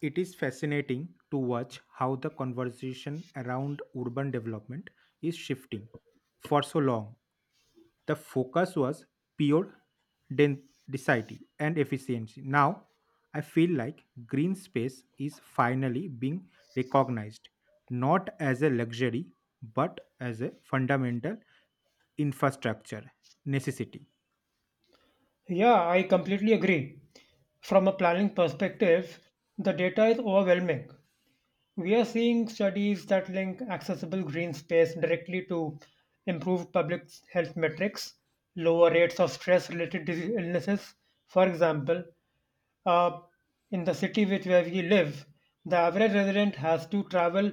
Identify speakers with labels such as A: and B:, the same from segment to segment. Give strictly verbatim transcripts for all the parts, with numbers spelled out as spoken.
A: It is fascinating to watch how the conversation around urban development is shifting. For so long, the focus was pure density and efficiency. Now, I feel like green space is finally being recognized not as a luxury but as a fundamental infrastructure necessity.
B: Yeah, I completely agree. From a planning perspective, the data is overwhelming. We are seeing studies that link accessible green space directly to improved public health metrics, lower rates of stress related illnesses. For example, uh, in the city which where we live, the average resident has to travel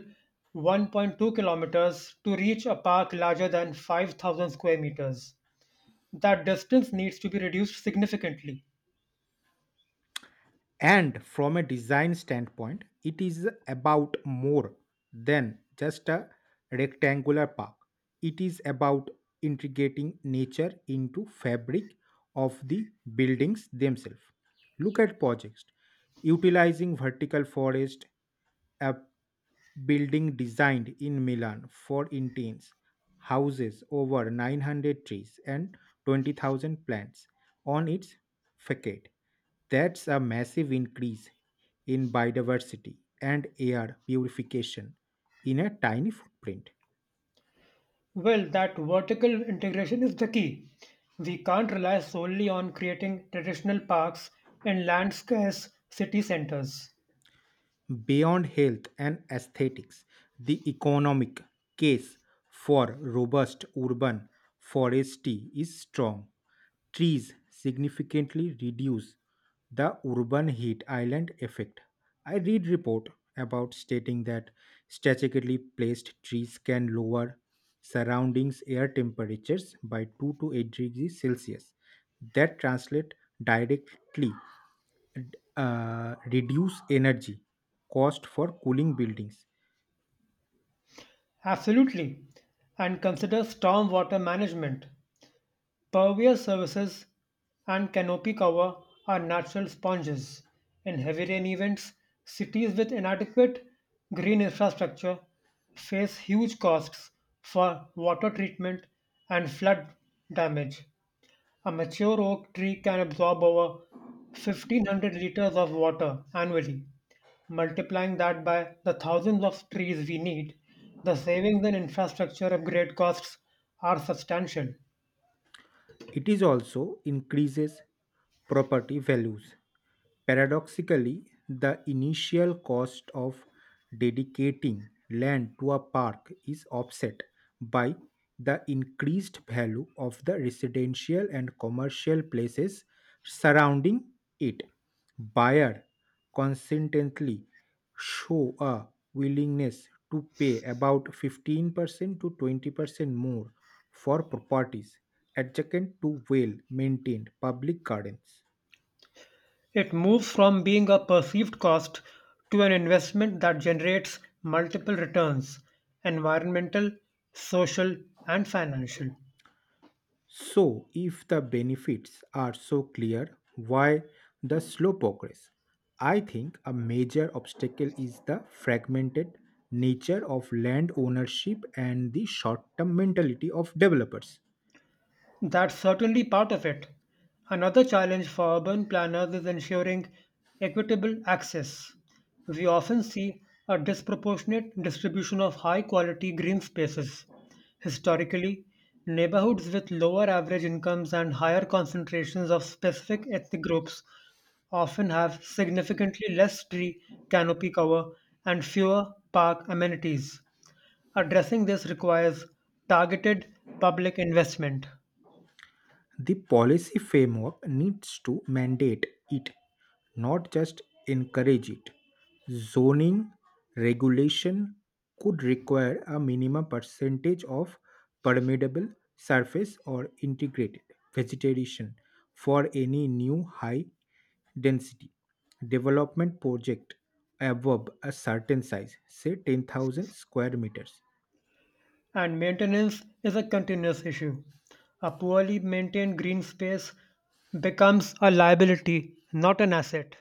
B: one point two kilometers to reach a park larger than five thousand square meters. That distance needs to be reduced significantly.
A: And from a design standpoint, it is about more than just a rectangular park. It is about integrating nature into fabric of the buildings themselves. Look at projects utilizing vertical forest, a building designed in Milan for intense houses over nine hundred trees and twenty thousand plants on its facade. That's a massive increase in biodiversity and air purification in a tiny footprint.
B: Well, that vertical integration is the key. We can't rely solely on creating traditional parks in land scarce city centers.
A: Beyond health and aesthetics, the economic case for robust urban forestry is strong. Trees significantly reduce the urban heat island effect. I read report about stating that strategically placed trees can lower surroundings air temperatures by two to eight degrees Celsius that translate directly d- uh, reduce energy cost for cooling buildings.
B: Absolutely. And consider stormwater management. Pervious surfaces and canopy cover are natural sponges. In heavy rain events, cities with inadequate green infrastructure face huge costs for water treatment and flood damage. A mature oak tree can absorb over fifteen hundred liters of water annually. Multiplying that by the thousands of trees we need, the savings and infrastructure upgrade costs are substantial.
A: It is also increases property values. Paradoxically, the initial cost of dedicating land to a park is offset by the increased value of the residential and commercial places surrounding it. Buyer consistently show a willingness to pay about fifteen percent to twenty percent more for properties adjacent to well maintained public gardens.
B: It moves from being a perceived cost to an investment that generates multiple returns environmental, social, and financial.
A: So, if the benefits are so clear, why the slow progress? I think a major obstacle is the fragmented nature of land ownership and the short term mentality of developers.
B: That's certainly part of it. Another challenge for urban planners is ensuring equitable access. We often see a disproportionate distribution of high quality green spaces. Historically, neighborhoods with lower average incomes and higher concentrations of specific ethnic groups often have significantly less tree canopy cover and fewer park amenities. Addressing this requires targeted public investment.
A: The policy framework needs to mandate it, not just encourage it. Zoning regulation could require a minimum percentage of permeable surface or integrated vegetation for any new high density development project above a certain size, say ten thousand square meters.
B: And maintenance is a continuous issue. A poorly maintained green space becomes a liability, not an asset.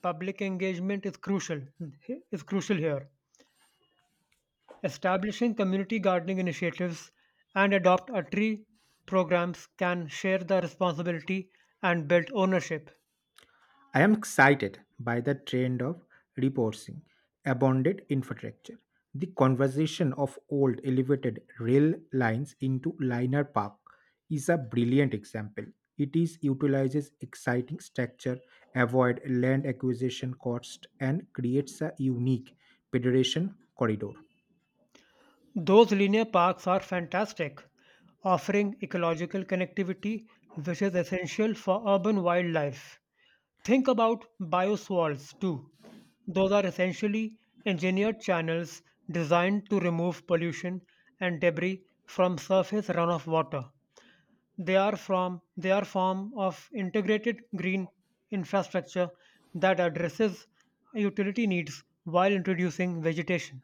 B: Public engagement is crucial is crucial here. Establishing community gardening initiatives and adopt a tree programs can share the responsibility and build ownership.
A: I am excited by the trend of repurposing abandoned infrastructure. The conversion of old elevated rail lines into linear park is a brilliant example. It is utilizes exciting structure, avoid land acquisition cost, and creates a unique pedestrian corridor.
B: Those linear parks are fantastic, offering ecological connectivity which is essential for urban wildlife. Think about bioswales too. Those are essentially engineered channels designed to remove pollution and debris from surface runoff water. They are from they are form of integrated green infrastructure that addresses utility needs while introducing vegetation.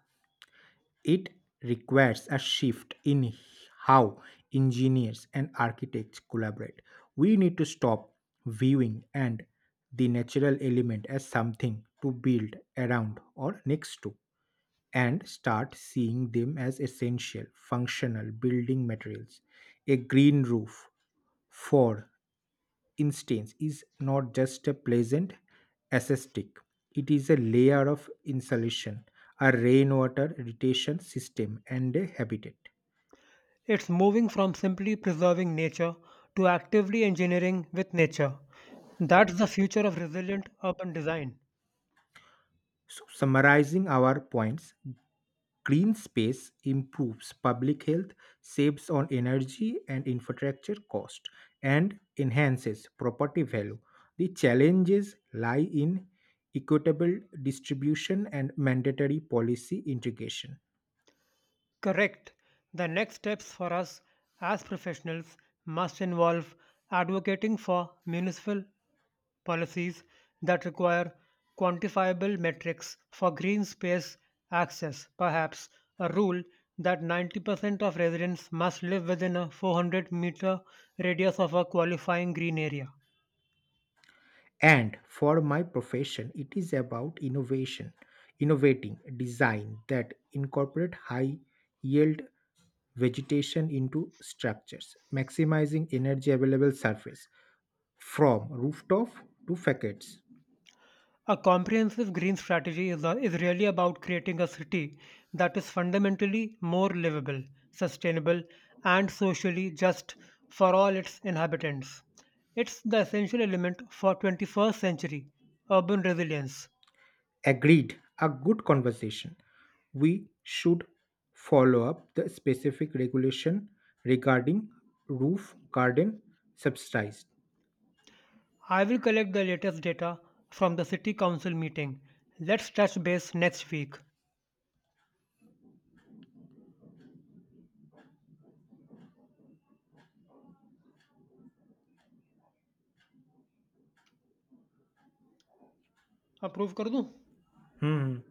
A: It requires a shift in how engineers and architects collaborate. We need to stop viewing and the natural element as something to build around or next to and start seeing them as essential functional building materials. A green roof for instance is not just a pleasant aesthetic, it is a layer of insulation, a rainwater retention system, and a habitat.
B: It's moving from simply preserving nature to actively engineering with nature. That's the future of resilient urban design.
A: So summarizing our points, green space improves public health, saves on energy and infrastructure cost, and enhances property value. The challenges lie in equitable distribution and mandatory policy integration.
B: Correct. The next steps for us as professionals must involve advocating for municipal policies that require quantifiable metrics for green space access, perhaps a rule that ninety percent of residents must live within a four hundred meter radius of a qualifying green area.
A: And for my profession, it is about innovation, innovating design that incorporate high yield vegetation into structures, maximizing energy available surface from rooftop to facades.
B: A comprehensive green strategy is, a, is really about creating a city that is fundamentally more livable, sustainable, and socially just for all its inhabitants. It's the essential element for twenty-first century urban resilience.
A: Agreed, a good conversation. We should follow up the specific regulation regarding roof garden subsidies.
B: I will collect the latest data from the City Council meeting. Let's touch base next week. Approve कर दूं
A: Hmm.